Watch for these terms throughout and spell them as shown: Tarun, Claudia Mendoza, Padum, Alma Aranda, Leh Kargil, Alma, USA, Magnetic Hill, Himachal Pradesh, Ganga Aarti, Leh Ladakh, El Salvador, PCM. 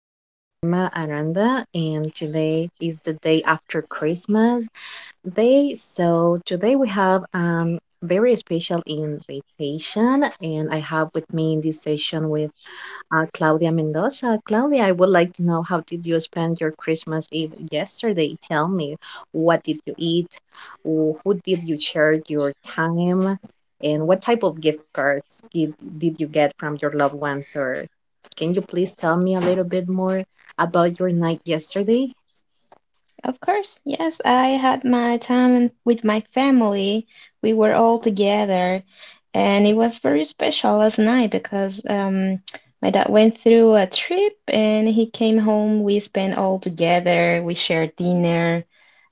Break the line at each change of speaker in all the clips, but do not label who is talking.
This is Alma Aranda, and today is the day after Christmas Day. So, today we have very special invitation, and I have with me in this session with Claudia Mendoza. Claudia, I would like to know how did you spend your Christmas Eve yesterday? Tell me, what did you eat? Who did you share your time? And what type of gift cards did you get from your loved ones? Or can you please tell me a little bit more about your night yesterday?
Of course, yes, I had my time with my family. We were all together, and it was very special last night because my dad went through a trip and he came home. We spent all together, we shared dinner.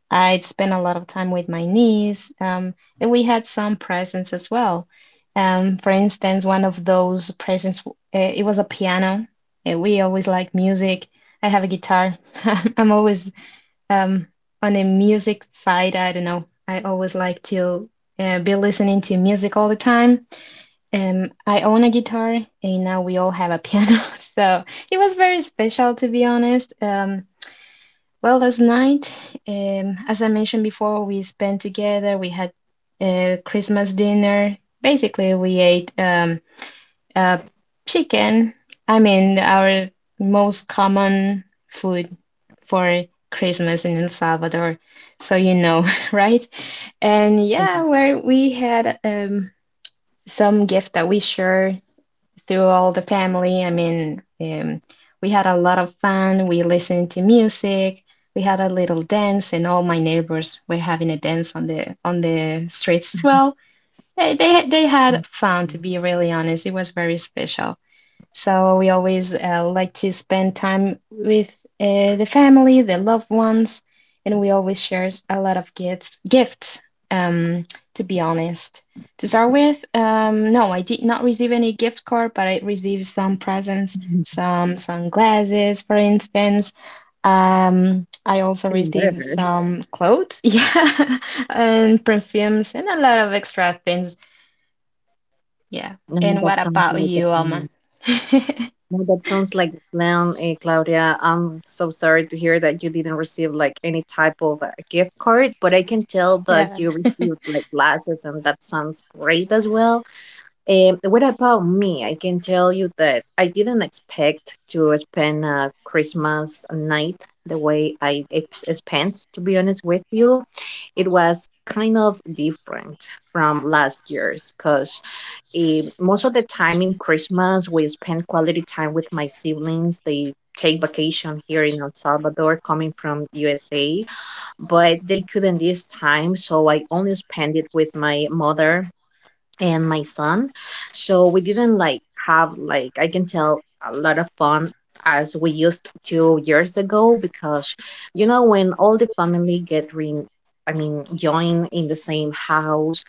I spent a lot of time with my niece, and we had some presents as well. For instance, one of those presents, it was a piano. And we always like music. I have a guitar. I'm always um, on the music side, I don't know. I always like to be listening to music all the time. I own a guitar, and now we all have a piano. So it was very special, to be honest. Well, last night, as I mentioned before, we spent together. We had a Christmas dinner. Basically, we ate. Uh, Chicken. I mean, our most common food for Christmas in El Salvador. So you know, right? And
Yeah,
yeah, where we had some gift that we share through all the family. I mean, we had a lot of fun. We listened to music. We had a little dance, and all my neighbors were having a dance on the streets as well. They had fun, to be really honest. It was very special. So we always like to spend time with the family, the loved ones, and we always share a lot of gifts. Gifts, um, to be honest. To start with, no, I did not receive any gift card, but I received some presents,
mm,
some sunglasses, for instance. I also
even
received
better.
some clothes, yeah, and perfumes, and a lot of extra things. Yeah.
No,
And what
that sounds
about
like a
you, Alma?
plan. No, that sounds like a plan, Claudia. I'm so sorry to hear that you didn't receive like any type of gift card, but I can tell that
Yeah.
you received like glasses, and that sounds great as well. What about me? I can tell you that I didn't expect to spend a Christmas night the way I spent, to be honest with you. It was kind of different from last year's because most of the time in Christmas, we spend quality time with my siblings. They take vacation here in El Salvador coming from USA, but they couldn't this time. So I only spent it with my mother and my son. So we didn't like have like I can tell a lot of fun as we used to years ago, because you know when all the family get re I mean join in the same house,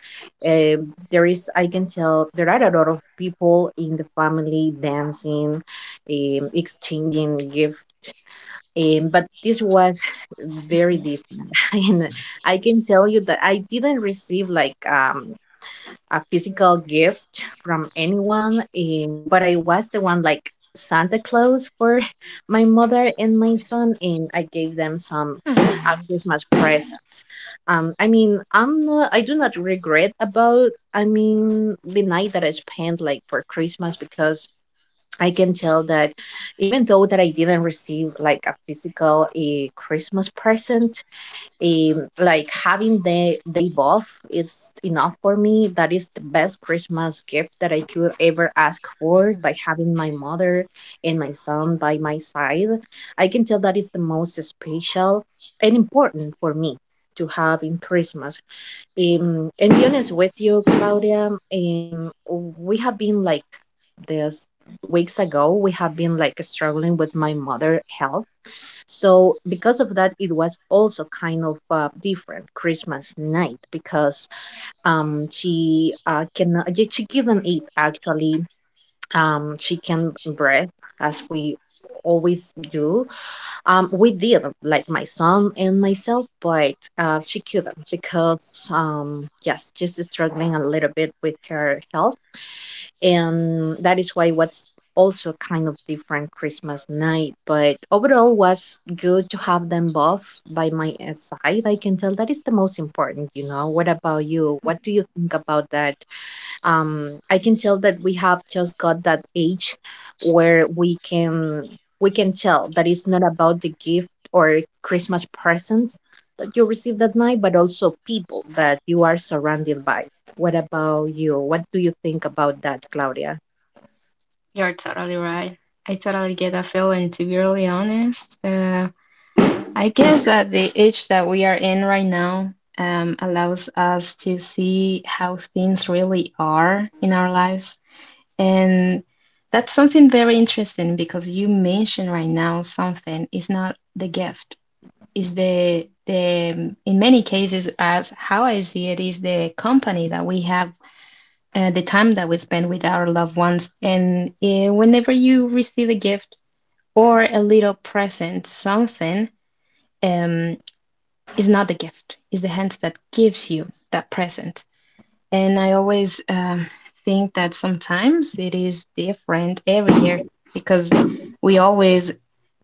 there is I can tell there are a lot of people in the family dancing, exchanging gifts, but this was very
Mhm.
different. And I can tell you that I didn't receive like a physical gift from anyone, but I was the one like Santa Claus for my mother and my son, and I gave them some
Oh. Mhm.
Christmas presents. I mean, I'm not, I do not regret about, I mean, the night that I spent like for Christmas, because I can tell that even though that I didn't receive like a Christmas present, like having the day off is enough for me. That is the best Christmas gift that I could ever ask for, by having my mother and my son by my side. I can tell that is the most special and important for me to have in Christmas. And be honest with you, Claudia, we have been like this weeks ago, we have been like struggling with my mother health, so because of that, it was also kind of different Christmas night, because she can she couldn't eat actually chicken bread as we always do. We did, like my son and myself, but she couldn't, because yes, she's struggling a little bit with her health, and that is why what's also kind of different Christmas night. But overall, was good to have them both by my side. I can tell that is the most important. You know, what about you? What do you think about that? I can tell that we have just got that age where we can tell that it's not about the gift or Christmas presents that you receive that night, but also people that you are surrounded by. What about you? What do you think about that, Claudia?
You're totally right. I totally get that feeling, to be really honest. I guess that the age that we are in right now allows us to see how things really are in our lives. And that's something very interesting because you mentioned right now something is not the gift, is the, in many cases, as how I see it, is the company that we have, the time that we spend with our loved ones, and whenever you receive a gift or a little present, something, um is not the gift, is the hands that gives you that present. And I always think that sometimes it is different every year because we always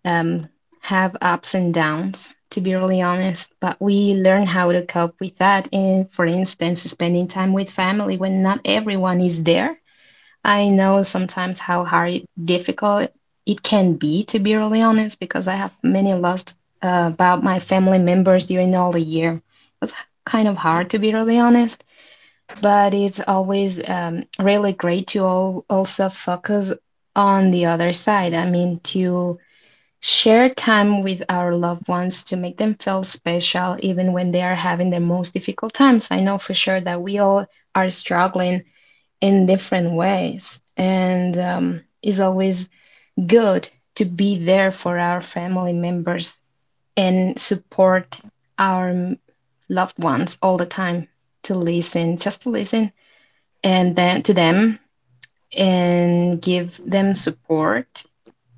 um, have ups and downs, to be really honest, but we learn how to cope with that. And for instance, spending time with family when not everyone is there. I know sometimes how hard, difficult it can be, to be really honest, because I have many lost about my family members during all the year. It's kind of hard, to be really honest, but it's always really great to all, also focus on the other side. I mean, to share time with our loved ones, to make them feel special, even when they are having their most difficult times. I know for sure that we all are struggling in different ways, and it's always good to be there for our family members and support our loved ones all the time, to listen, just to listen, and then to them and give them support,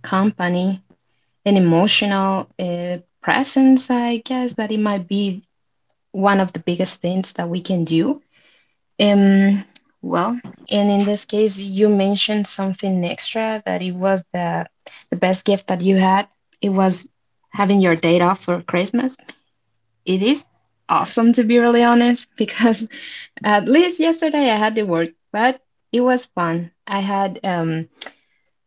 company, an emotional presence. I guess that it might be one of the biggest things that we can do. Um, well, and in this case, you mentioned something extra that it was the best gift that you had. It was having your date off for Christmas. It is awesome, to be really honest, because at least yesterday I had the work, but it was fun. I had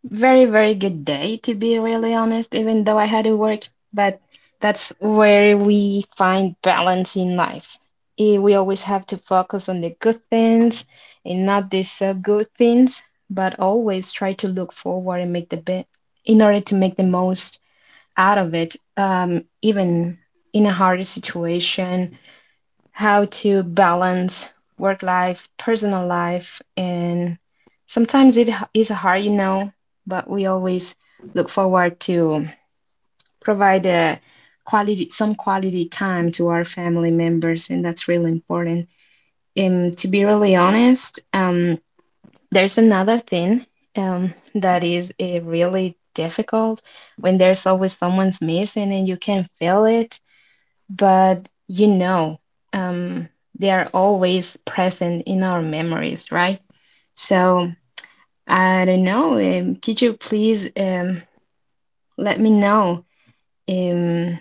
very, very good day, to be really honest, even though I had to work, but that's where we find balance in life. We always have to focus on the good things and not the so good things, but always try to look forward and make the best in order to make the most out of it, even in a hard situation, how to balance work life, personal life, and sometimes it is hard, you know, but we always look forward to provide a quality, some quality time to our family members, and that's really important. And to be really honest, there's another thing that is really difficult when there's always someone's missing and you can feel it, but you know, um, they are always present in our memories, right? So I don't know. Could you please let me know um,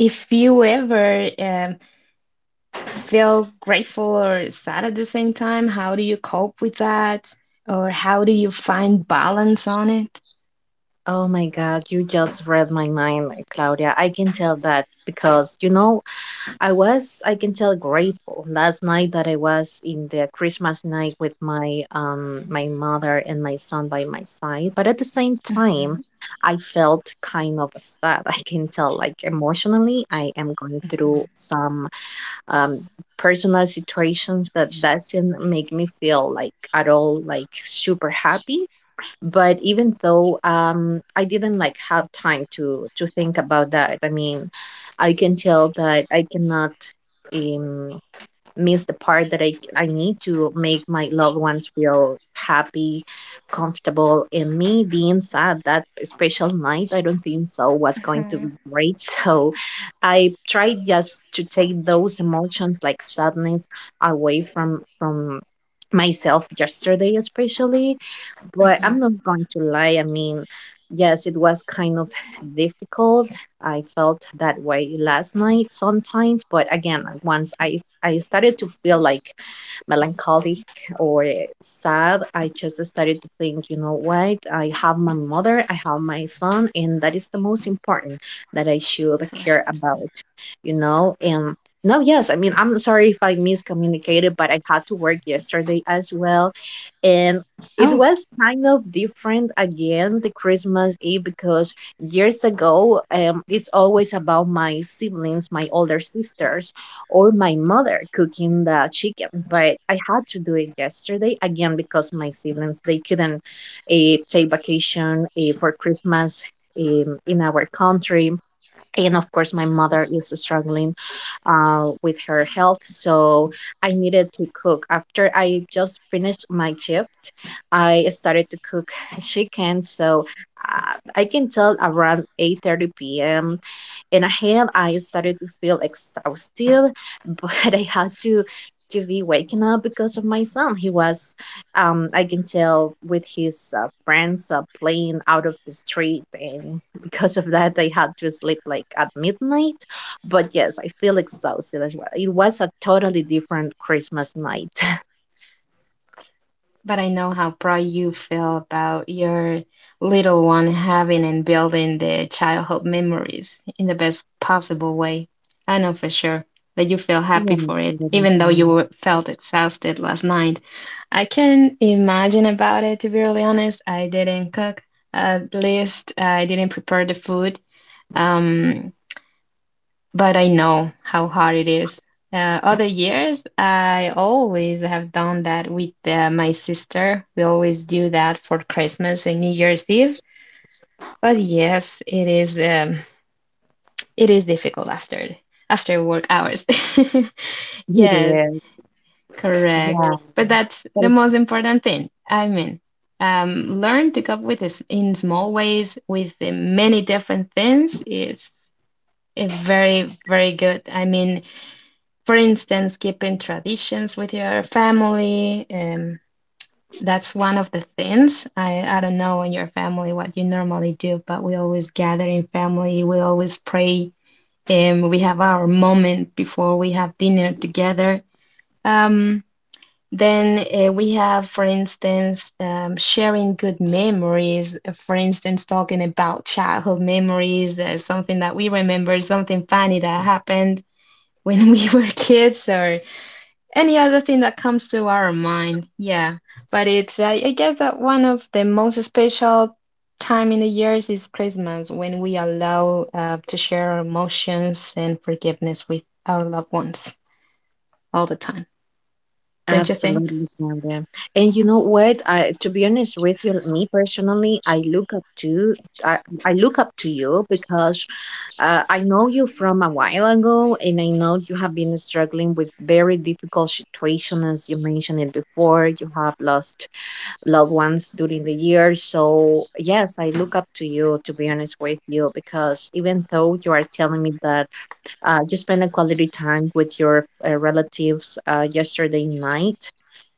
if you ever feel grateful or sad at the same time? How do you cope with that? Or how do you find balance on it?
Oh my God, you just read my mind, Claudia. I can tell that because you know I was, I can tell, grateful last night that I was in the Christmas night with my mother and my son by my side. But at the same time,
Mm-hmm.
I felt kind of sad. I can tell, like emotionally, I am going through
Mhm.
some um personal situations that doesn't make me feel like at all like super happy, but even though I didn't like have time to think about that, I mean, I can tell that I cannot um miss the part that I need to make my loved ones feel happy, comfortable, and me being sad that special night, I don't think so was going to
Mhm.
be great. So I tried just to take those emotions like sadness away from myself yesterday, especially. But I'm
Mhm.
not going to lie. I mean, yes, it was kind of difficult. I felt that way last night sometimes, but again, once I started to feel like melancholic or sad, I just started to think, you know what? I have my mother, I have my son, and that is the most important that I should care
Correct.
about, you know? And no, yes, I mean, I'm sorry if I miscommunicated, but I had to work yesterday as well. And it
Oh.
was kind of different again the Christmas Eve, because years ago, it's always about my siblings, my older sisters, or my mother cooking the chicken, but I had to do it yesterday again because my siblings, they couldn't take vacation for Christmas in our country, and of course my mother is struggling with her health, so I needed to cook. After I just finished my shift, I started to cook chicken, so I can tell around 8:30 p.m., and I started to feel exhausted, but I had to be waken up because of my son. He was, I can tell, with his friends playing out of the street, and because of that, I had to sleep like at midnight. But yes, I feel exhausted as well. It was a totally different Christmas night.
But I know how proud you feel about your little one having and building the childhood memories in the best possible way. I know for sure that you feel
Yeah,
happy for it,
absolutely.
even though you were, felt exhausted last night. I can imagine about it, to be really honest. I didn't cook. At least I didn't prepare the food. Um, but I know how hard it is. Other years, I always have done that with my sister. We always do that for Christmas and New Year's Eve. But yes, it is difficult after work hours. Yes, correct.
Yeah.
But that's the most important thing. I mean, learn to cope with this in small ways with the many different things is a very, very good. I mean, for instance, keeping traditions with your family. That's one of the things. I don't know in your family what you normally do, but we always gather in family. We always pray. We have our moment before we have dinner together. Um, then we have, for instance, sharing good memories. For instance, talking about childhood memories, something that we remember, something funny that happened when we were kids, or any other thing that comes to our mind. Yeah, but it's I guess that one of the most special time in the years is Christmas when we allow to share our emotions and forgiveness with our loved ones all the time. Don't you think?
Absolutely, Claudia. And you know what? I, to be honest with you, me personally, I, I look up to you, because I know you from a while ago, and I know you have been struggling with very difficult situations, as you mentioned it before. You have lost loved ones during the year, so yes, I look up to you. To be honest with you, because even though you are telling me that you spend a quality time with your relatives yesterday night,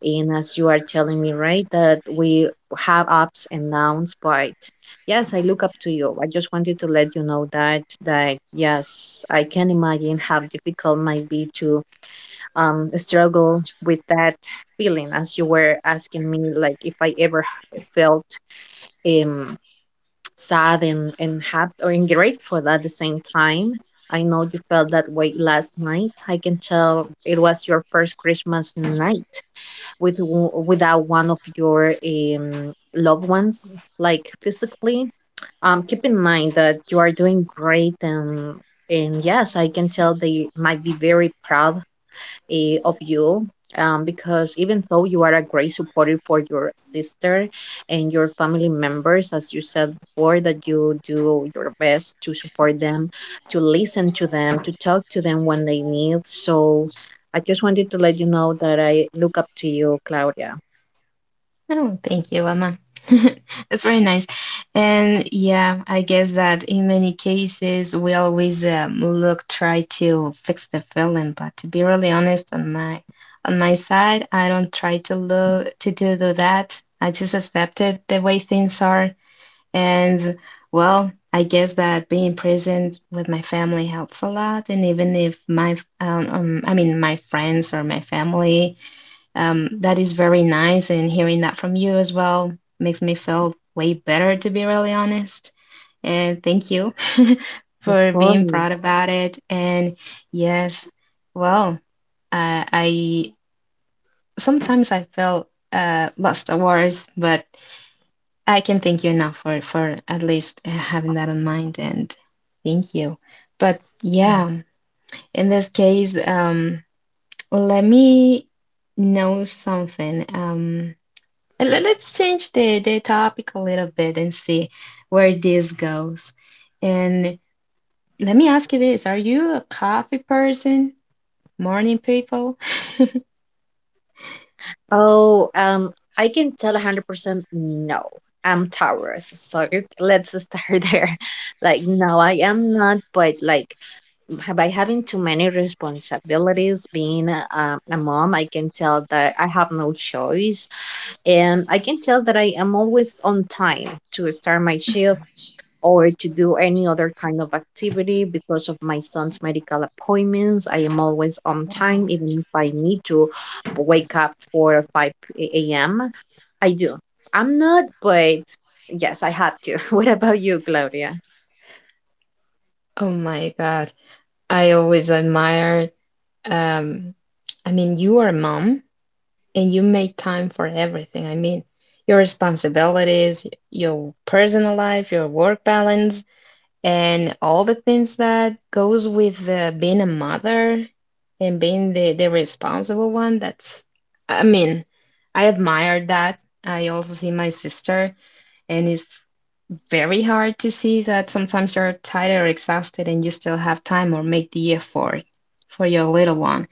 and as you are telling me right that we have ups and downs, but yes, I look up to you. I just wanted to let you know that yes, I can imagine how difficult might be to struggle with that feeling, as you were asking me, like if I ever felt um sad and happy and grateful at the same time. I know you felt that way last night. I can tell it was your first Christmas night with without one of your loved ones, like physically. Keep in mind that you are doing great, and yes, I can tell they might be very proud of you, because even though you are a great supporter for your sister and your family members, as you said before, that you do your best to support them, to listen to them, to talk to them when they need. So I just wanted to let you know that I look up to you, Claudia.
Oh, thank you, Emma. That's very nice. And yeah, I guess that in many cases we always look, try to fix the feeling, but to be really honest on my side, I don't try to look to do, do that. I just accept it the way things are. And well, I guess that being present with my family helps a lot. And even if my I mean my friends or my family, that is very nice, and hearing that from you as well makes me feel way better, to be really honest. And thank you for being proud
Course.
about it. And yes, well, I sometimes I feel lost of words, but I can thank you enough for at least having that in mind, and thank you. But
Mm.
yeah, in this case, let me know something. Let's change the topic a little bit and see where this goes. And let me ask you this, are you a coffee person? Morning people?
Oh, I can tell 100% no. I'm Taurus, so let's start there. Like, no, I am not, but like by having too many responsibilities, being a mom, I can tell that I have no choice, and I can tell that I am always on time to start my shift or to do any other kind of activity. Because of my son's medical appointments, I am always on time,
Wow.
even if I need to wake up for 5 a.m., I do. I'm not, but yes, I have to. What about you, Claudia?
Oh my God. I always admire um I mean, you are a mom and you make time for everything. I mean, your responsibilities, your personal life, your work balance, and all the things that goes with being a mother and being the responsible one. That's, I mean, I admire that. I also see my sister and it's very hard to see that sometimes you're tired or exhausted and you still have time or make the effort for your little one.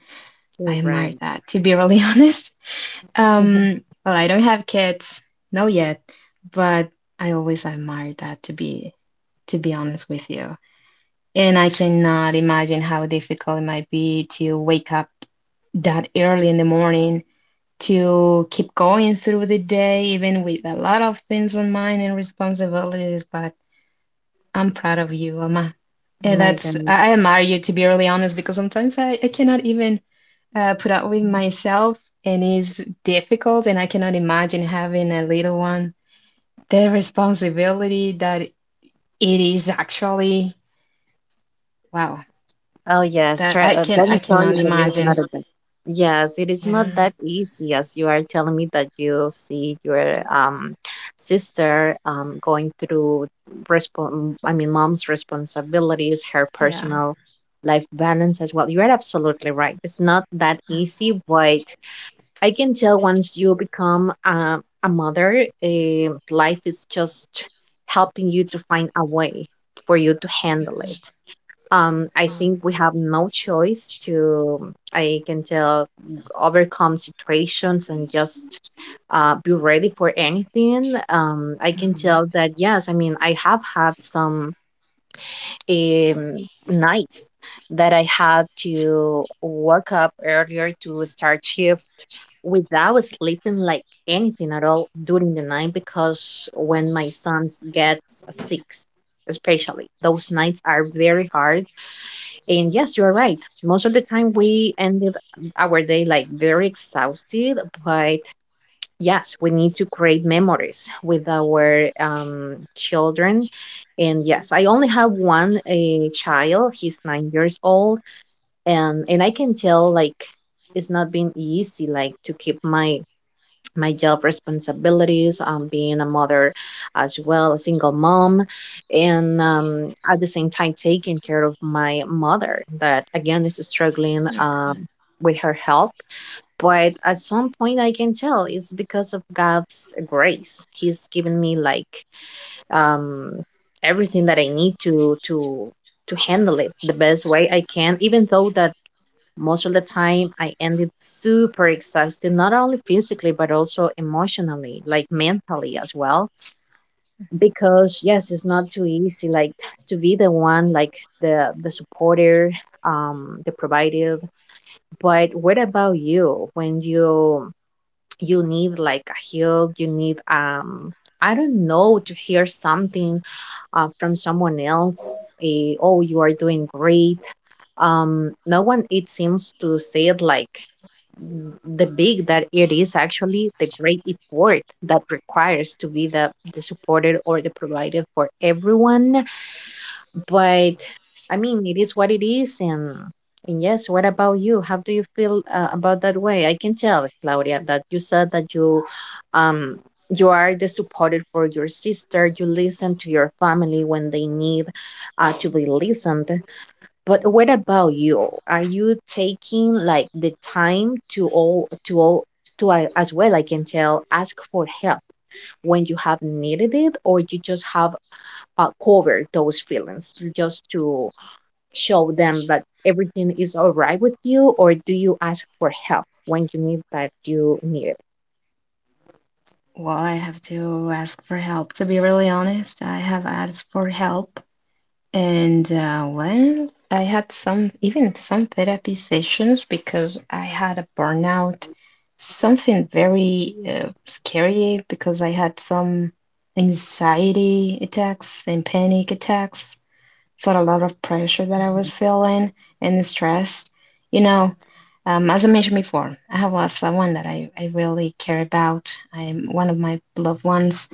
I
You're
admire
right.
that, to be really honest. Well, I don't have kids, no, yet, but I always admire that, to be honest with you, and I cannot imagine how difficult it might be to wake up that early in the morning to keep going through the day, even with a lot of things on mind and responsibilities. But I'm proud of you, Alma. And
My
that's,
God.
I admire you, to be really honest, because sometimes I cannot even put up with myself and it's difficult. And I cannot imagine having a little one. The responsibility that it is actually, wow.
Oh, yes.
That
Try, let
I
me tell
cannot
you that it's not
imagine.
yes, it is not
Yeah,
that easy, as you are telling me, that you see your sister going through respon I mean, mom's responsibilities, her
yeah,
personal life balance as well. You're absolutely right. It's not that
yeah.
easy, but I can tell once you become a mother, life is just helping you to find a way for you to handle it.
Completely.
I
Um,
think we have no choice to, I can tell, overcome situations and just be ready for anything. I can
mhm.
tell that, yes, I mean, I have had some nights that I had to wake up earlier to start shift without sleeping like anything at all during the night, because when my sons gets sick, especially those nights are very hard, and yes, you are right. Most of the time we ended our day like very exhausted, but yes, we need to create memories with our children. And yes, I only have one a child. He's 9 years old, and I can tell like it's not been easy like to keep my job responsibilities, being a mother as well, a single mom, and at the same time taking care of my mother that again is struggling
Mhm.
with her health. But at some point, I can tell it's because of God's grace. He's given me like um, everything that I need to to handle it the best way I can, even though that most of the time, I ended super exhausted, not only physically, but also emotionally, like mentally as well. Because, yes, it's not too easy, like to be the one, like the supporter, the provider. But what about you when you need like a hug, you need, I don't know, to hear something from someone else, a, oh, you are doing great. No one, it seems to say it like the big that it is actually the great effort that requires to be the supported or the provided for everyone. But I mean, it is what it is, and yes, what about you? How do you feel about that way? I can tell, Claudia, that you said that you um you are the supported for your sister, you listen to your family when they need to be listened. But what about you? Are you taking like the time to as well, I can tell, ask for help when you have needed it? Or you just have covered those feelings just to show them that everything is all right with you, or do you ask for help when you need it?
Well, I have to ask for help. To be really honest, I have asked for help. And well, I had some, even some therapy sessions because I had a burnout, something very scary because I had some anxiety attacks and panic attacks for a lot of pressure that I was feeling and stress. You know, as I mentioned before, I have lost someone that I really care about. I'm one of my loved ones,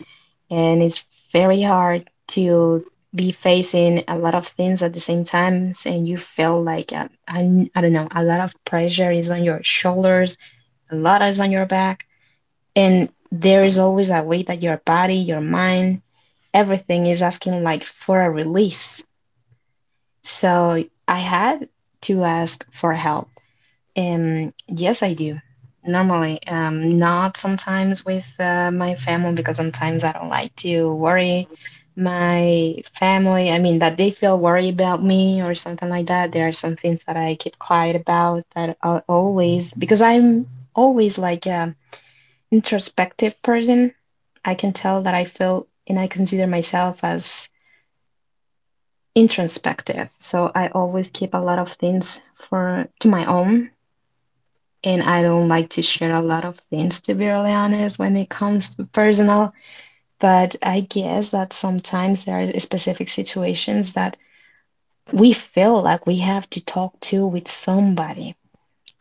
and it's very hard to be facing a lot of things at the same time, and you feel like I don't know, a lot of pressure is on your shoulders, a lot is on your back, and there is always a way that your body, your mind, everything is asking like for a release. So I had to ask for help. Yes, I do. Normally, not sometimes with my family, because sometimes I don't like to worry my family. I mean, that they feel worried about me or something like that. There are some things that I keep quiet about, that I always, because I'm always like a introspective person. I can tell that I feel, and I consider myself as introspective. So I always keep a lot of things for to my own, and I don't like to share a lot of things, to be really honest, when it comes to personal. But I guess that sometimes there are specific situations that we feel like we have to talk to with somebody.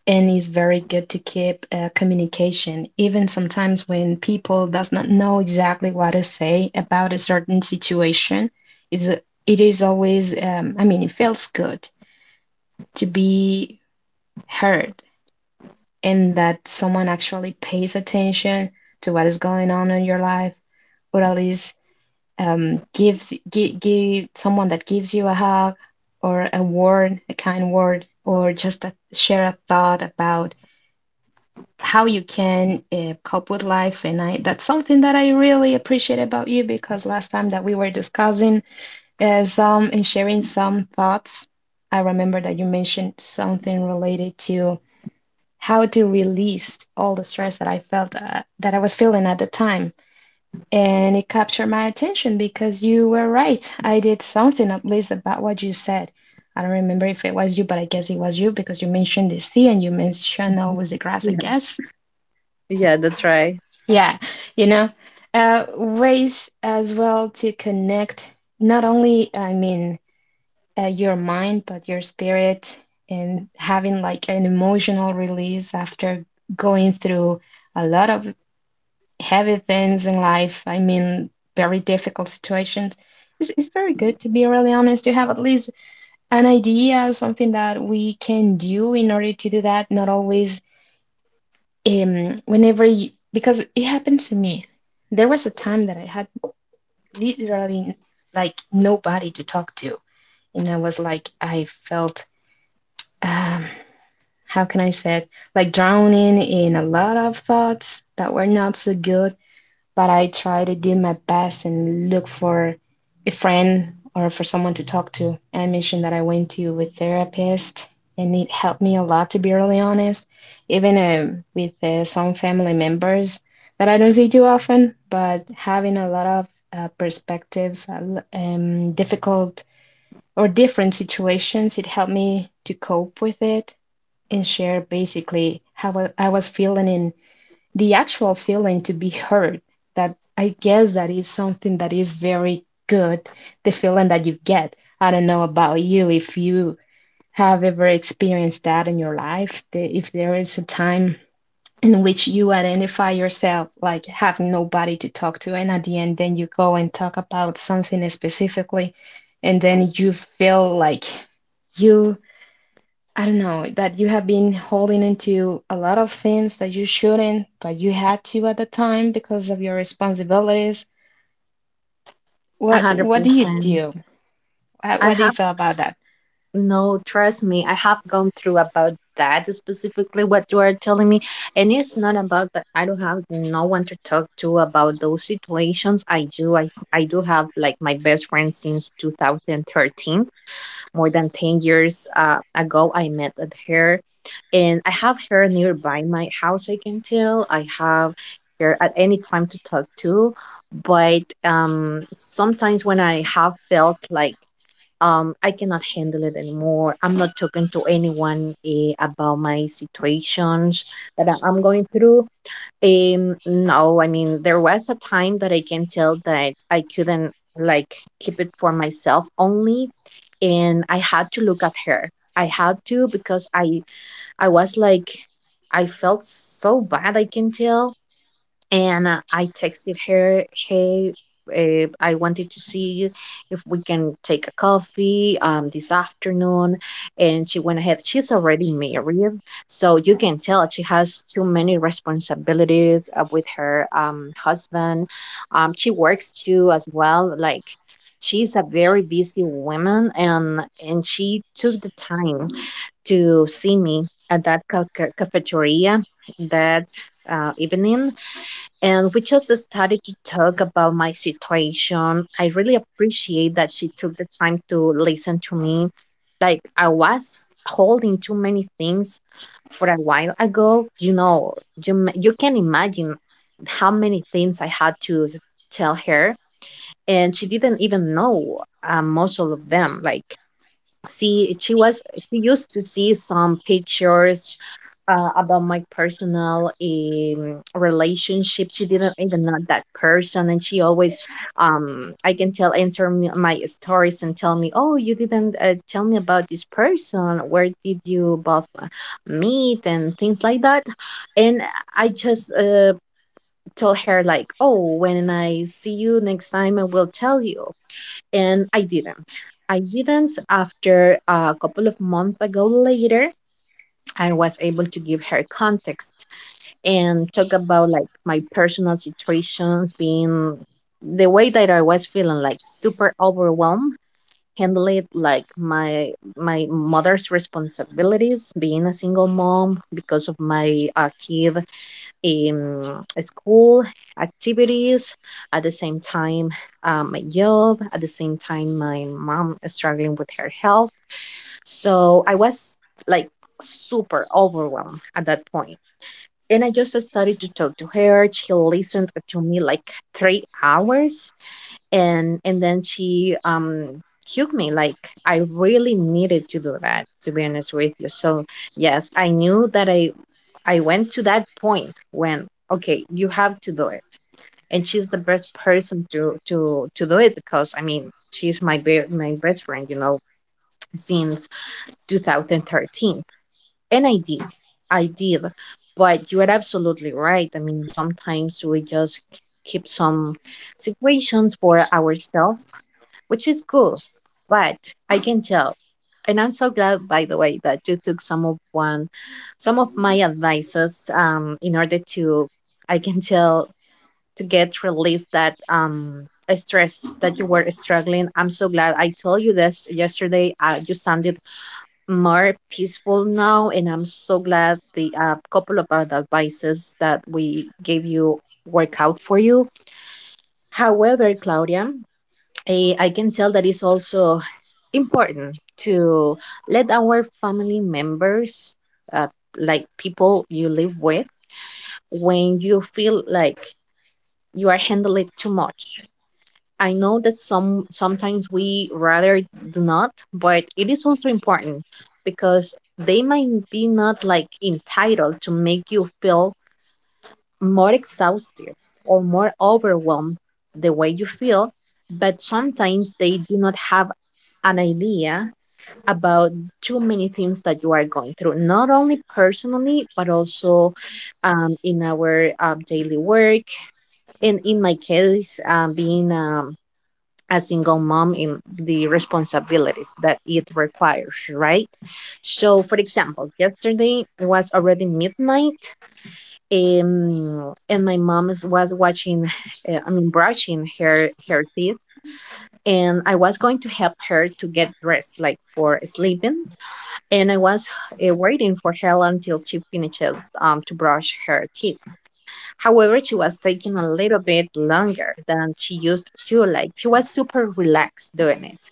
And it's very good to keep communication, even sometimes when people does not know exactly what to say about a certain situation. Is it is always, I mean, it feels good to be heard and that someone actually pays attention to what is going on in your life, or at least gives give someone that gives you a hug or a word, a kind word, or just a, share a thought about how you can cope with life. And I that's something that I really appreciate about you, because last time that we were discussing some and sharing some thoughts, I remember that you mentioned something related to how to release all the stress that I felt that I was feeling at the time. And it captured my attention because you were right. I did something at least about what you said. I don't remember if it was you, but I guess it was you because you mentioned the sea and you mentioned always the grass, I
Yeah.
guess.
Yeah, that's right.
Yeah, you know, ways as well to connect not only, I mean, your mind, but your spirit, and having like an emotional release after going through a lot of heavy things in life. I mean, very difficult situations. It's very good to be really honest to have at least an idea, something that we can do in order to do that. Not always, whenever you, because it happened to me. There was a time that I had literally like nobody to talk to, and I was like, I felt, um, how can I say it, like drowning in a lot of thoughts that were not so good. But I try to do my best and look for a friend or for someone to talk to. I mentioned that I went to a therapist and it helped me a lot to be really honest, even with some family members that I don't see too often, but having a lot of perspectives, difficult or different situations, it helped me to cope with it and share basically how I was feeling, and the actual feeling to be heard, that I guess that is something that is very good, the feeling that you get. I don't know about you, if you have ever experienced that in your life, if there is a time in which you identify yourself like having nobody to talk to, and at the end then you go and talk about something specifically, and then you feel like you I don't know, that you have been holding into a lot of things that you shouldn't, but you had to at the time because of your responsibilities.
A
What
hundred
what do you
percent.
do?
I
What do you
have.
feel about that?
No, trust me, I have gone through about that specifically what you are telling me. And it's not about that I don't have no one to talk to about those situations. I do have like my best friend since 2013, more than 10 years ago I met with her, and I have her nearby my house. I can tell I have her at any time to talk to. But sometimes when I have felt like I cannot handle it anymore, I'm not talking to anyone about my situations that I'm going through. No, I mean, there was a time that I can tell that I couldn't like keep it for myself only, and I had to look at her. I had to, because I was like I felt so bad, I can tell, and I texted her, "Hey, I wanted to see if we can take a coffee this afternoon." And she went ahead. She's already married, so you can tell she has too many responsibilities with her husband. She works too as well, like. She's a very busy woman, and she took the time to see me at that cafeteria that evening, and we just started to talk about my situation. I really appreciate that she took the time to listen to me. Like I was holding too many things for a while ago. You know, you you can imagine how many things I had to tell her, and she didn't even know most of them. Like, see, she was she used to see some pictures about my personal relationship. She didn't even know that person, and she always, I can tell, answer me, my stories and tell me, "Oh, you didn't tell me about this person. Where did you both meet and things like that?" And I just told her like, "Oh, when I see you next time, I will tell you." And I didn't. I didn't. After a couple of months ago later, I was able to give her context and talk about like my personal situations, being the way that I was feeling, like super overwhelmed, handle it like my mother's responsibilities, being a single mom because of my kid in school activities, at the same time my job, at the same time my mom struggling with her health. So I was like super overwhelmed at that point, and I just started to talk to her. She listened to me like 3 hours, and then she hugged me like I really needed to do that. To be honest with you, so yes, I knew that I went to that point when okay, you have to do it, and she's the best person to to do it, because I mean she's my my best friend, you know, since 2013. And I did. I did. But you are absolutely right. I mean, sometimes we just keep some situations for ourselves, which is cool. But I can tell. And I'm so glad, by the way, that you took some of one, some of my advices, in order to, I can tell, to get release that stress that you were struggling. I'm so glad I told you this yesterday. You sounded more peaceful now, and I'm so glad the couple of other advices that we gave you work out for you. However, Claudia, I can tell that it's also important to let our family members uh, like people you live with when you feel like you are handling too much. I know that sometimes we rather do not, but it is also important, because they might be not like entitled to make you feel more exhausted or more overwhelmed the way you feel, but sometimes they do not have an idea about too many things that you are going through, not only personally, but also in our daily work. And in my case, being a single mom in the responsibilities that it requires, right? So, for example, yesterday it was already midnight, and my mom was watching, I mean, brushing her teeth, and I was going to help her to get dressed, like for sleeping, and I was waiting for her until she finishes to brush her teeth. However, she was taking a little bit longer than she used to. Like she was super relaxed doing it,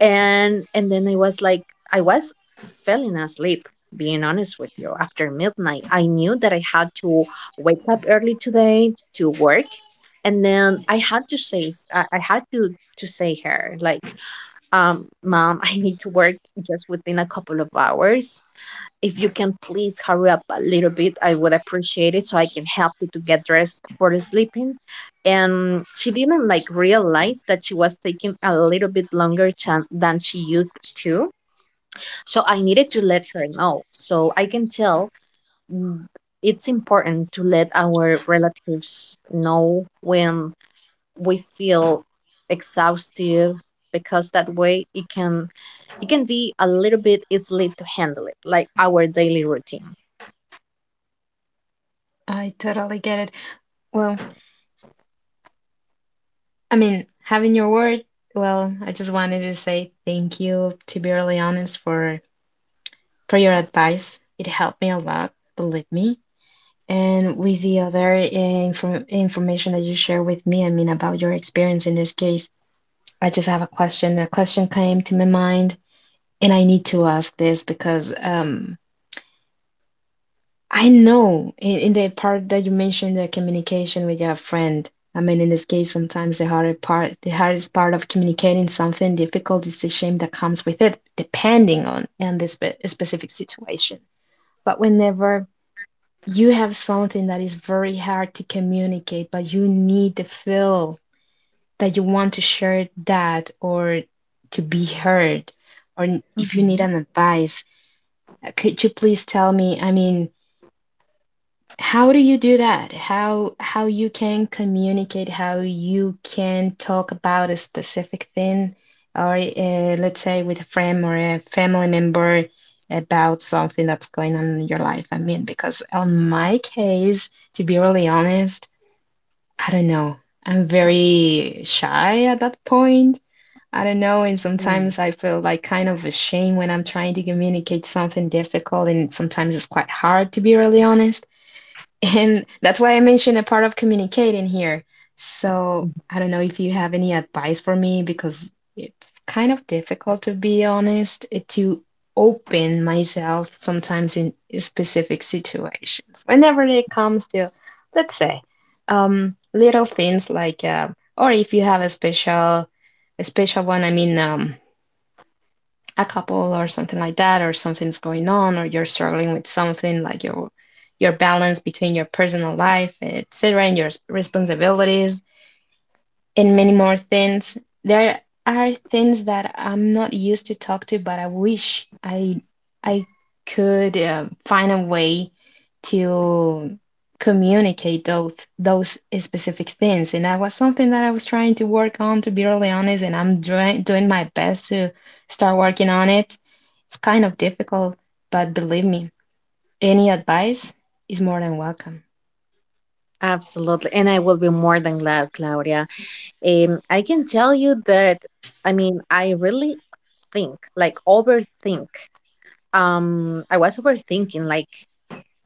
and then I was falling asleep, being honest with you. After midnight, I knew that I had to wake up early today to work, and then I had to say I had to say her like mom I need to work just within a couple of hours. If you can please hurry up a little bit, I would appreciate it so I can help you to get dressed for the sleeping. And she didn't like realize that she was taking a little bit longer than she used to. So I needed to let her know. So I can tell, mm, it's important to let our relatives know when we feel exhausted, because that way it can be a little bit easily to handle it, like our daily routine.
I totally get it. Well, I mean, having your word, well, I just wanted to say thank you, to be really honest, for your advice. It helped me a lot, believe me. And with the other information that you share with me, I mean, about your experience in this case. I just have a question. A question came to my mind, and I need to ask this because I know in the part that you mentioned the communication with your friend. I mean, in this case, sometimes the hardest part of communicating something difficult is the shame that comes with it, depending on and the specific situation. But whenever you have something that is very hard to communicate, but you need to feel that you want to share that or to be heard, or if you need
Mhm.
an advice, could you please tell me, I mean, how do you do that? How you can communicate, how you can talk about a specific thing, or let's say with a friend or a family member about something that's going on in your life. I mean, because on my case, to be really honest, I don't know, I'm very shy at that point. I don't know, and
Mm,
sometimes I feel like kind of ashamed when I'm trying to communicate something difficult, and sometimes it's quite hard to be really honest. And that's why I mentioned a part of communicating here. So
mhm.
I don't know if you have any advice for me, because it's kind of difficult to be honest, eh, to open myself sometimes in specific situations. Whenever it comes to, let's say, little things like, or if you have a special one, I mean, a couple or something like that, or something's going on, or you're struggling with something like your balance between your personal life, etc., and your responsibilities and many more things. There are things that I'm not used to talk to, but I wish I could find a way to communicate those specific things. And that was something that I was trying to work on, to be really honest. And I'm doing my best to start working on it. It's kind of difficult, but believe me, any advice is more than welcome.
Absolutely. And I will be more than glad, Claudia. I can tell you that, I mean, I really think, like, overthink. I was overthinking, like,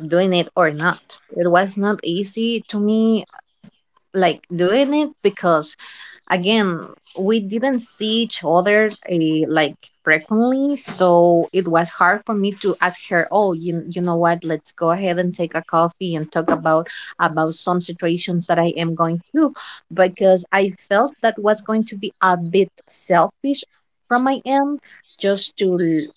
doing it or not. It was not easy to me, like, doing it, because again we didn't see each other like frequently, so it was hard for me to ask her, oh you know what, let's go ahead and take a coffee and talk about some situations that I am going through, because I felt that was going to be a bit selfish from my end just to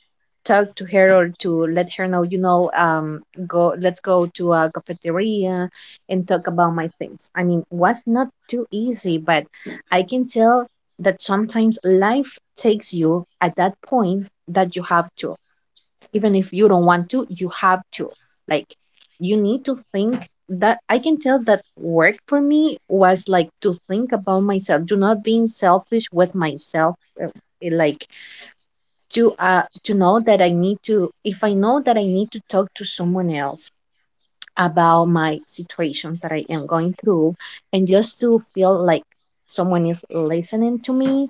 talk to her or to let her know, you know, go let's go to a cafeteria and talk about my things. I mean, was not too easy. But I can tell that sometimes life takes you at that point that you have to. Even if you don't want to, you have to. Like, you need to think that I can tell that work for me was like to think about myself, to not being selfish with myself. uh, Like to know that I need to if I know that I need to talk to someone else about my situations that I am going through, and just to feel like someone is listening to me,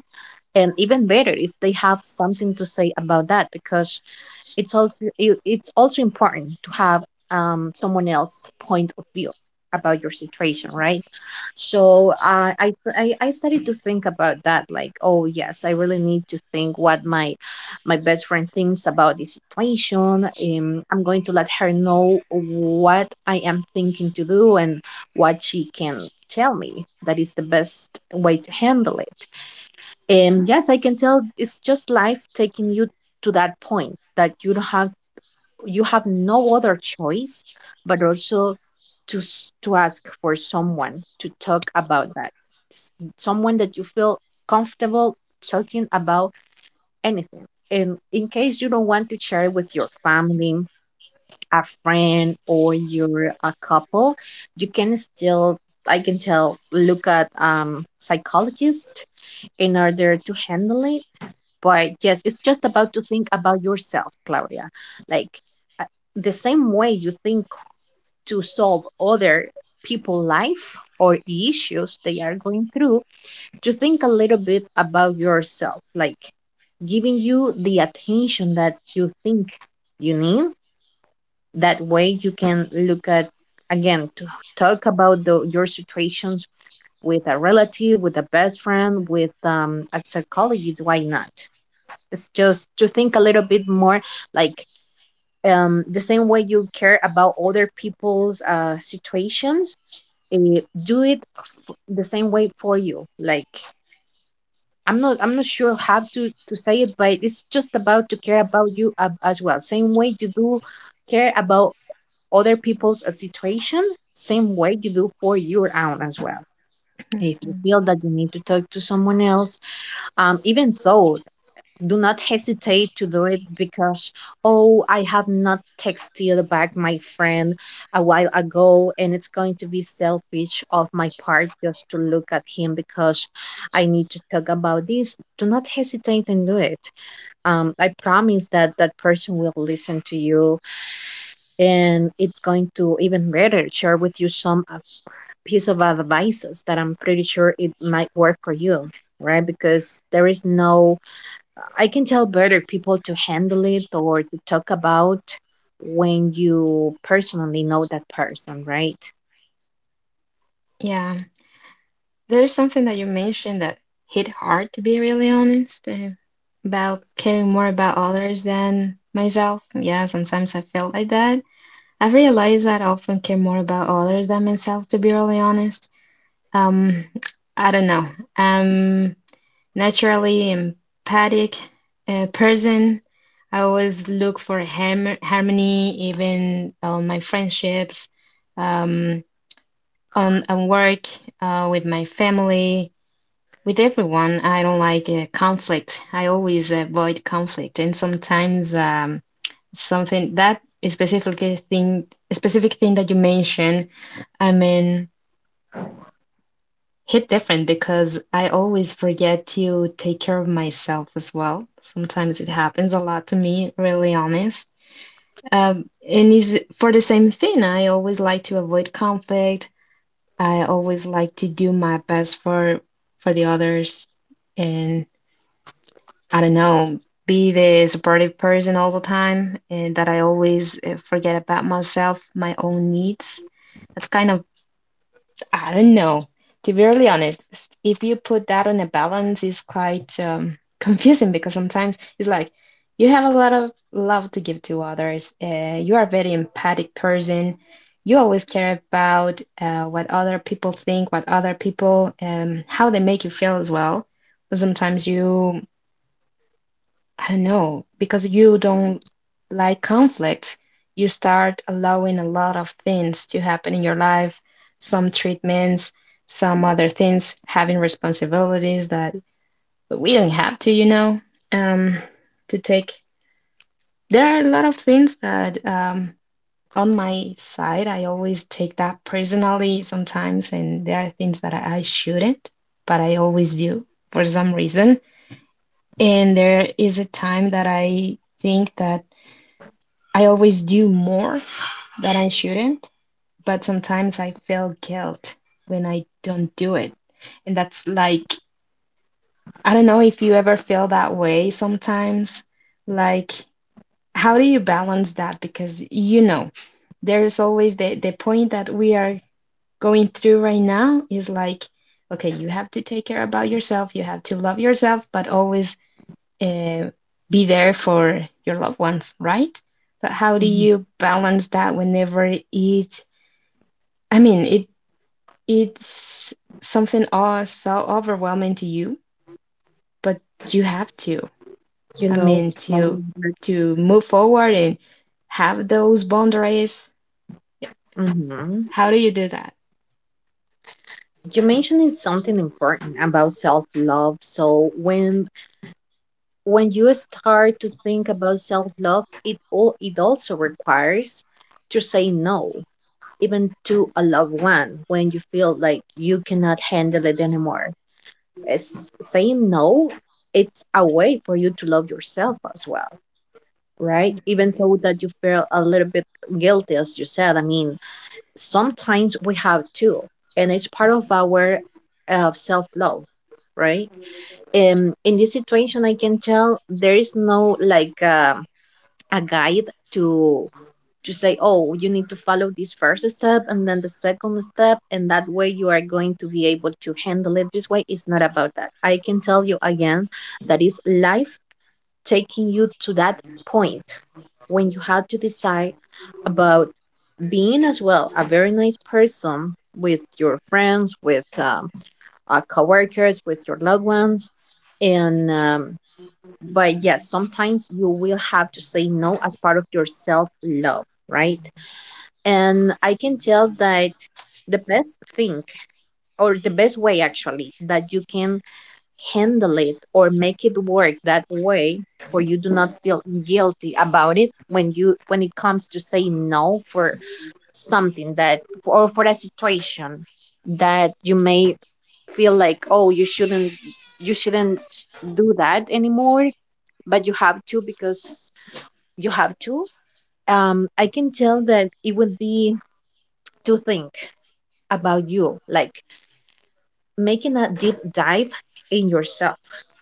and even better if they have something to say about that, because it's also it's also important to have someone else's point of view about your situation, right? So I started to think about that, like, oh yes, I really need to think what my best friend thinks about this situation. I'm going to let her know what I am thinking to do and what she can tell me that is the best way to handle it. And yes, I can tell it's just life taking you to that point that you have no other choice but also to ask for someone to talk about that. S- Someone that you feel comfortable talking about anything. And in case you don't want to share it with your family, a friend, or your a couple, you can still, I can tell, look at psychologist in order to handle it. But yes, it's just about to think about yourself, Claudia. Like, uh, the same way you think to solve other people' life or issues they are going through, to think a little bit about yourself, like giving you the attention that you think you need. That way you can look at again to talk about your situations with a relative, with a best friend, with a psychologist. Why not? It's just to think a little bit more, like, the same way you care about other people's situations. Do it the same way for you. Like, I'm not sure how to say it, but it's just about to care about you as well. Same way you do care about other people's situation, same way you do for your own as well. If you feel that you need to talk to someone else, even though, do not hesitate to do it. Because, oh, I have not texted back my friend a while ago, and it's going to be selfish of my part just to look at him because I need to talk about this, do not hesitate and do it. Um, I promise that that person will listen to you, and it's going to even better share with you some piece of advices that I'm pretty sure it might work for you, right? Because there is no, I can tell, better people to handle it or to talk about when you personally know that person, right?
Yeah. There's something that you mentioned that hit hard, to be really honest, about caring more about others than myself. Yeah, sometimes I feel like that. I've realized that I often care more about others than myself, to be really honest. Um, I don't know. I'm naturally empathic person. I always look for ham harmony, even on my friendships, um, on work, with my family, with everyone. I don't like conflict. I always avoid conflict, and sometimes something that specific thing, specific thing that you mentioned, I mean, hit different, because I always forget to take care of myself as well. Sometimes it happens a lot to me, really honest. And is for the same thing. I always like to avoid conflict. I always like to do my best for the others, and I don't know, be the supportive person all the time, and that I always forget about myself, my own needs. That's kind of, I don't know. To be really honest, if you put that on a balance, it's quite confusing, because sometimes it's like you have a lot of love to give to others. You are a very empathic person. You always care about what other people think, what other people, how they make you feel as well. But sometimes you I don't know, because you don't like conflict, you start allowing a lot of things to happen in your life, some treatments, some other things, having responsibilities that but we don't have to, you know, um, to take. There are a lot of things that on my side, I always take that personally sometimes, and there are things that I shouldn't, but I always do for some reason. And there is a time that I think that I always do more than I shouldn't, but sometimes I feel guilt when I don't do it. And that's like, I don't know if you ever feel that way sometimes. Like, how do you balance that? Because, you know, there's always the point that we are going through right now is like, okay, you have to take care about yourself, you have to love yourself, but always uh, be there for your loved ones, right? But how do
Mhm.
you balance that whenever it, I mean, it's something all so overwhelming to you, but you have to.
You
I
know,
mean,
like, that's-
to move forward and have those boundaries.
Mhm.
How do you do that?
You mentioned something important about self love. So when you start to think about self love, it all it also requires to say no even to a loved one when you feel like you cannot handle it anymore. It's saying no, it's a way for you to love yourself as well, right? Even though that you feel a little bit guilty, as you said. I mean, sometimes we have to, and it's part of our self love, right? In this situation, I can tell there is no, like, a guide to to say, oh, you need to follow this first step and then the second step, and that way you are going to be able to handle it this way. It's not about that. I can tell you again that is life taking you to that point when you have to decide about being as well a very nice person with your friends, with coworkers, with your loved ones, and but yes, sometimes you will have to say no as part of your self love, right? And I can tell that the best thing, or the best way actually, that you can handle it or make it work that way for you, do not feel guilty about it when you when it comes to say no for something that, or for a situation that you may feel like, oh, you shouldn't do that anymore, but you have to because you have to. Um, I can tell that it would be to think about you, like making a deep dive in yourself.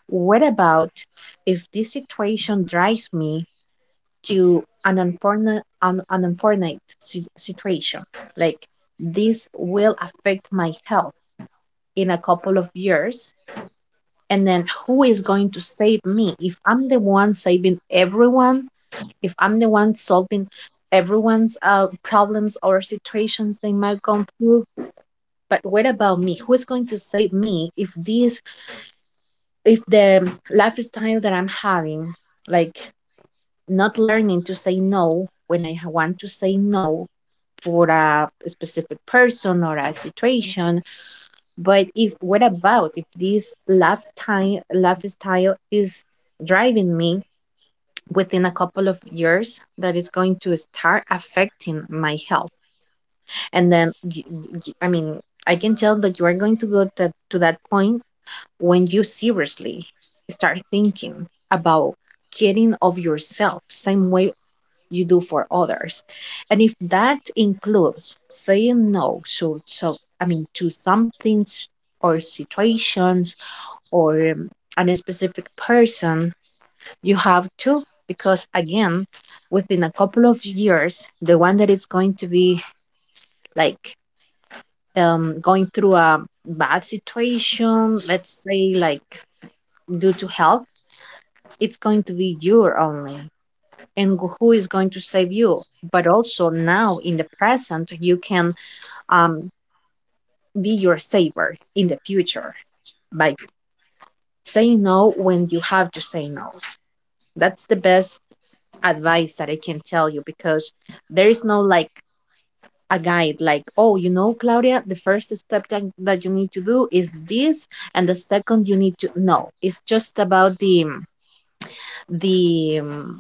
What about if this situation drives me to an unfortunate situation like this will affect my health in a couple of years? And then who is going to save me if I'm the one saving everyone? If I'm the one solving everyone's problems or situations they might go through? But what about me? Who is going to save me if if the lifestyle that I'm having, like not learning to say no when I want to say no for a specific person or a situation, but if what about if this lifetime lifestyle is driving me within a couple of years that is going to start affecting my health? And then I mean, I can tell that you are going to go to that point when you seriously start thinking about caring of yourself same way you do for others. And if that includes saying no, so I mean, to some things or situations, or a specific person, you have to, because again, within a couple of years, the one that is going to be like, going through a bad situation, let's say, like due to health, it's going to be you only. And who is going to save you? But also now in the present, you can, um, be your saver in the future by saying no when you have to say no. That's the best advice that I can tell you, because there is no, like, a guide like, oh, you know, Claudia, the first step that you need to do is this, and the second you need to, no, it's just about the um,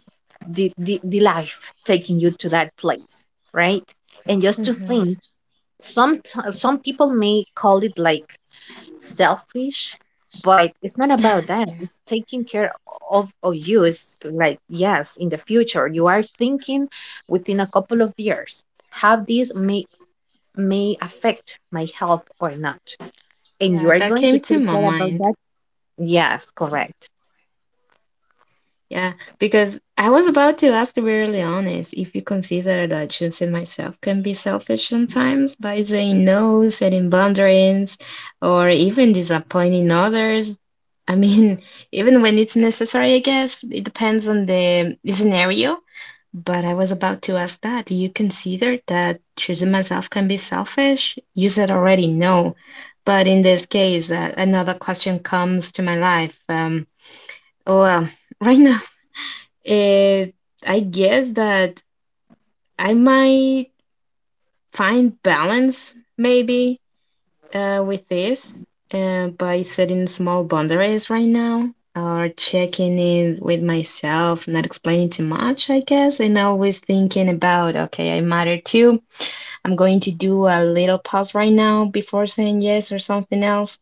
the life taking you to that place, right? And just to
Hmm.
think, some some people may call it like selfish, but it's not about that,
Yeah,
it's taking care of you. It's like, yes, in the future, you are thinking within a couple of years have this may affect my health or not. And you
yeah,
are
that
going to
came to
take
my
care about
mind.
that? Yes, correct.
Yeah, because I was about to ask, to be really honest, if you consider that choosing myself can be selfish sometimes by saying no, setting boundaries, or even disappointing others. I mean, even when it's necessary, I guess it depends on the scenario. But I was about to ask that. Do you consider that choosing myself can be selfish? You said already no, but in this case, another question comes to my life. Oh, well, right now. It, I guess that I might find balance maybe with this by setting small boundaries right now or checking in with myself, not explaining too much, I guess, and always thinking about, okay, I matter too. I'm going to do a little pause right now before saying yes or something else,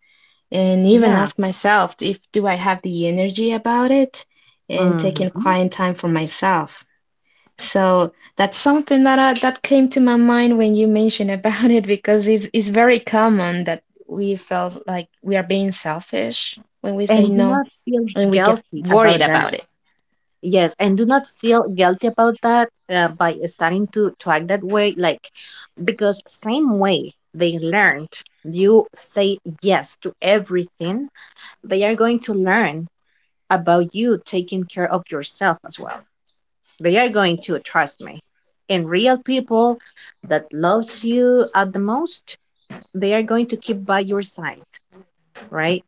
and
Yeah.
even ask myself if do I have the energy about it and taking
Mhm.
quiet time for myself. So that's something that that came to my mind when you mentioned about it because it's very common that we felt like we are being selfish when we say
And do
no
not feel
and we get
guilty
worried
about that.
about it.
Yes, and do not feel guilty about that, by starting to act that way. Like, because same way they learned, you say yes to everything, they are going to learn about you taking care of yourself as well. They are going to, trust me. And real people that loves you at the most, they are going to keep by your side, right?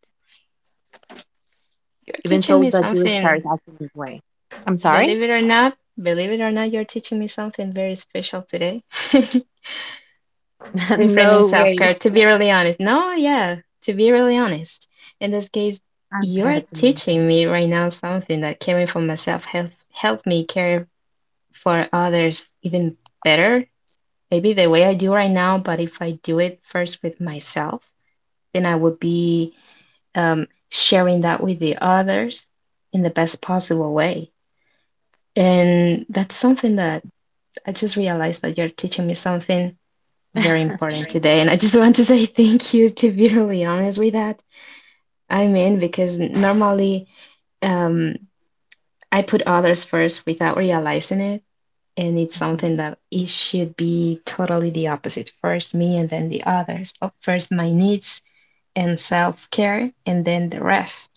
You're
Even
teaching
though
me
that you start
something,
acting this way. I'm sorry?
believe it or not, believe it or not, you're teaching me something very special today. Reframing
No way.
self-care, to be really honest. No, yeah, to be really honest. In this case,
I'm
you're
glad. To know.
teaching me right now something that caring for myself helps me care for others even better. Maybe the way I do right now, but if I do it first with myself, then I would be sharing that with the others in the best possible way. And that's something that I just realized that you're teaching me something very important today. And I just want to say thank you, to be really honest with that. I mean, because normally um, I put others first without realizing it. And it's something that it should be totally the opposite, first me and then the others. First my needs and self-care and then the rest.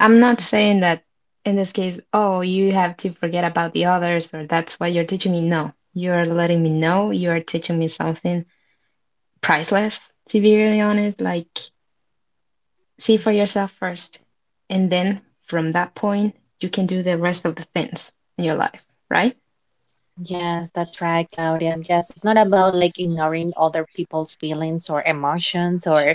I'm not saying that in this case, oh, you have to forget about the others or that's why you're teaching me. No, you're letting me know, you are teaching me something priceless, to be really honest. Like, see for yourself first and then from that point you can do the rest of the things in your life, right?
Yes, that's right, Claudia. Yes, it's not about like ignoring other people's feelings or emotions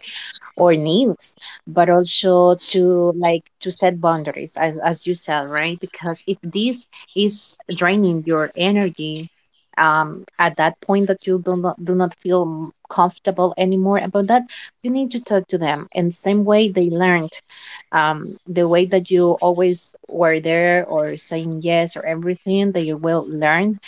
or needs, but also to, like, to set boundaries as you said, right? Because if this is draining your energy, at that point that you do not feel comfortable anymore about that, you need to talk to them. And same way they learned, the way that you always were there or saying yes or everything, they will learn,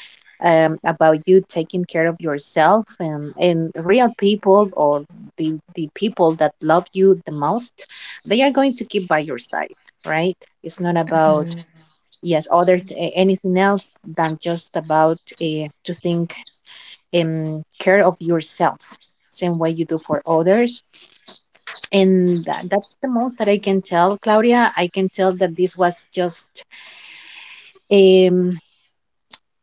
about you taking care of yourself. And and real people, or the people that love you the most, they are going to keep by your side, right? It's not about,
Mhm.
yes, other anything else than just about, to think, care of yourself same way you do for others. And that's the most that I can tell, Claudia. I can tell that this was just, um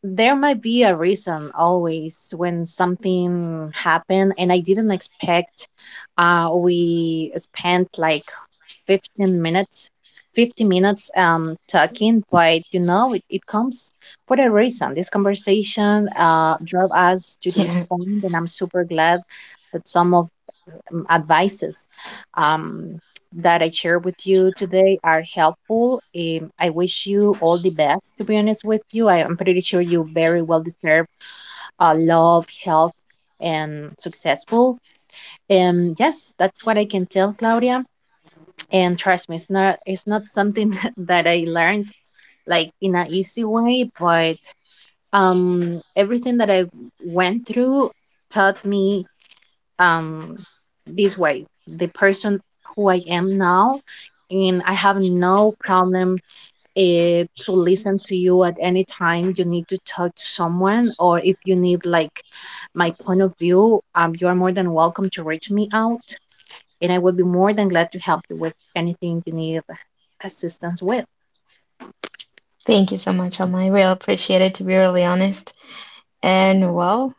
there might be a reason always when something happened and I didn't expect. Uh, we spent like 15 minutes, 50 minutes talking, but it comes for a reason. This conversation drove us to this
Yeah.
point, and I'm super glad that some of, advices um that I share with you today are helpful. Um, I wish you all the best. To be honest with you, I am pretty sure you very well deserve, love, health, and successful. Um, yes, that's what I can tell, Claudia. And trust me, it's not something that I learned, like, in an easy way, but everything that I went through taught me, um this way, the person who I am now. And I have no problem, uh, to listen to you at any time you need to talk to someone, or if you need, like, my point of view. Um, you are more than welcome to reach me out, and I will be more than glad to help you with anything you need assistance with.
Thank you so much, Alma. I really appreciate it, to be really honest. And well,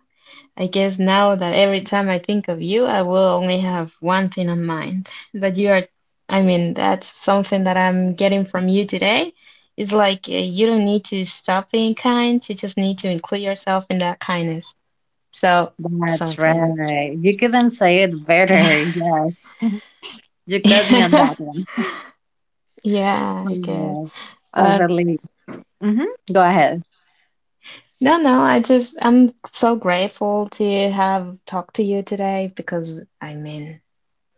I guess now that every time I think of you, I will only have one thing on mind that you are, I mean, that's something that I'm getting from you today. It's like you don't need to stop being kind, you just need to include yourself in that kindness. So it's
That's
something.
right. You couldn't say it better. Yes. You got me on
Yeah.
that one.
Yeah,
So
I guess.
yes. I
Uh,
really, hmm go ahead.
no, no, I just, I'm so grateful to have talked to you today because, I mean,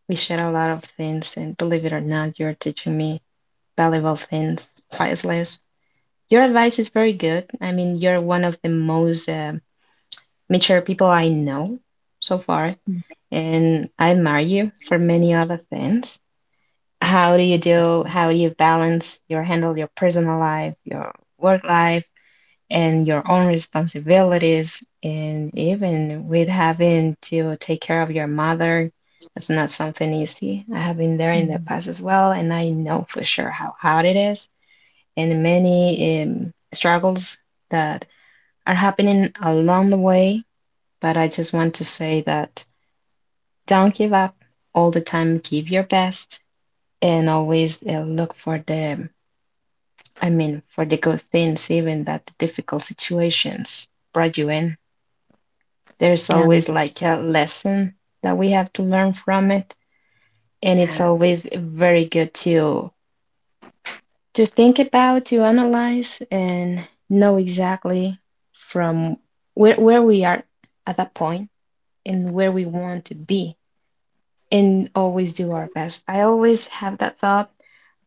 we shared a lot of things, and believe it or not, you're teaching me valuable things, priceless. Your advice is very good. I mean, you're one of the most mature people I know so far, and I admire you for many other things. How do you do? How you balance your handle your personal life, your work life, and your own responsibilities, and even with having to take care of your mother? It's not something easy. I have been there in the
Mm.
past as well and I know for sure how hard it is and many struggles that are happening along the way. But I just want to say that don't give up all the time, give your best and always look for the, I mean, for the good things. Even that the difficult situations brought you in, there's
Yeah.
always like a lesson that we have to learn from it, and it's
Yes.
always very good to think about, to analyze and know exactly from where we are at that point and where we want to be, and always do our best. I always have that thought,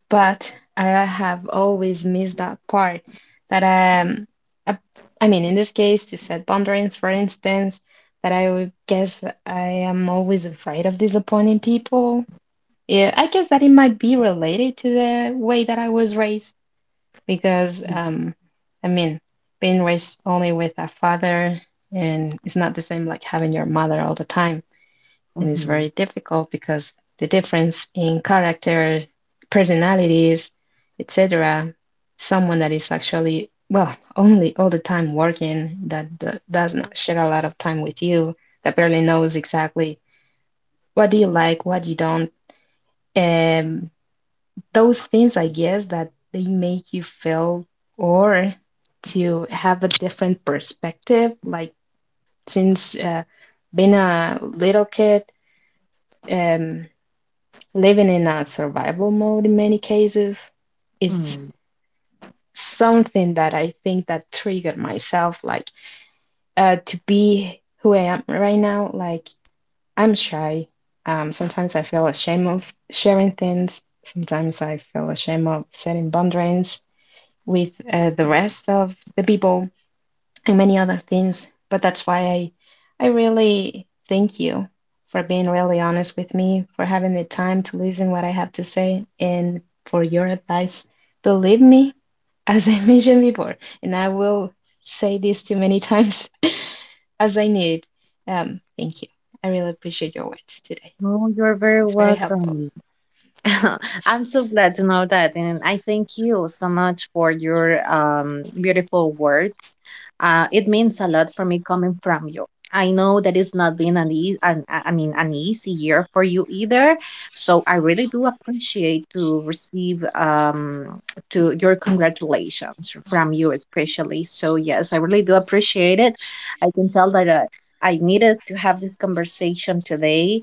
but I have always missed that part that um I, I mean, in this case, to set boundaries, for instance, that I would guess I am always afraid of disappointing people. Yeah, I guess that it might be related to the way that I was raised because I mean, being raised only with a father, and it's not the same like having your mother all the time. It is
Mhm.
very difficult because the difference in character, personalities, etc. Someone that is actually, well, only all the time working, that does not share a lot of time with you, that barely knows exactly what do you like, what you don't. Um, those things, I guess, that they make you feel or to have a different perspective. Like since being a little kid, um, living in a survival mode in many cases is
Mm.
something that I think that triggered myself like to be who I am right now. Like I'm shy. Sometimes I feel ashamed of sharing things. Sometimes I feel ashamed of setting boundaries with the rest of the people and many other things. But that's why I really thank you for being really honest with me, for having the time to listen what I have to say, and for your advice. Believe me, as I mentioned before, and I will say this too many times as I need. Thank you. I really appreciate your words today.
Oh, you're very
It's very helpful.
welcome. I'm so glad to know that, and I thank you so much for your, beautiful words. It means a lot for me coming from you. I know that it's not been an easy year for you either. So I really do appreciate to receive to your congratulations from you, especially. So yes, I really do appreciate it. I can tell that, I needed to have this conversation today,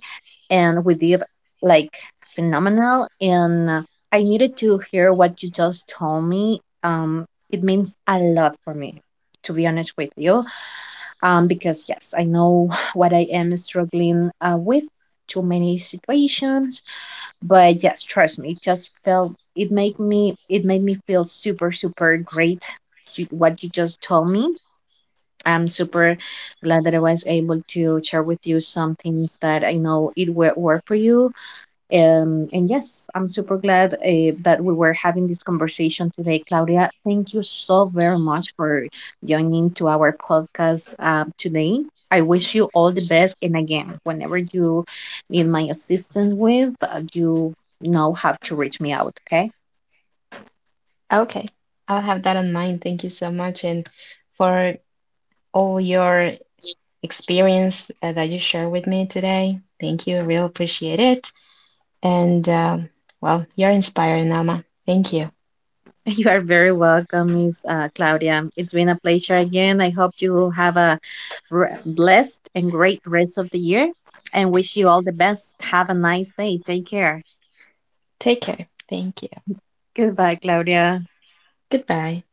and we did, like, phenomenal. And I needed to hear what you just told me. It means a lot for me, to be honest with you, because yes, I know what I am struggling, with too many situations. But yes, trust me, it just felt it made me feel super, super great, what you just told me. I'm super glad that I was able to share with you some things that I know it will work for you. Um, and yes, I'm super glad, that we were having this conversation today, Claudia. Thank you so very much for joining to our podcast, today. I wish you all the best. And again, whenever you need my assistance with, you know how to reach me out, okay?
Okay, I'll have that in mind. Thank you so much, and for all your experience that you share with me today. Thank you. I really appreciate it. And well, you're inspiring, Alma. Thank you.
You are very welcome, Miss, Claudia. It's been a pleasure again. I hope you have a blessed and great rest of the year, and wish you all the best. Have a nice day. Take care.
Take care. Thank you.
Goodbye, Claudia.
Goodbye.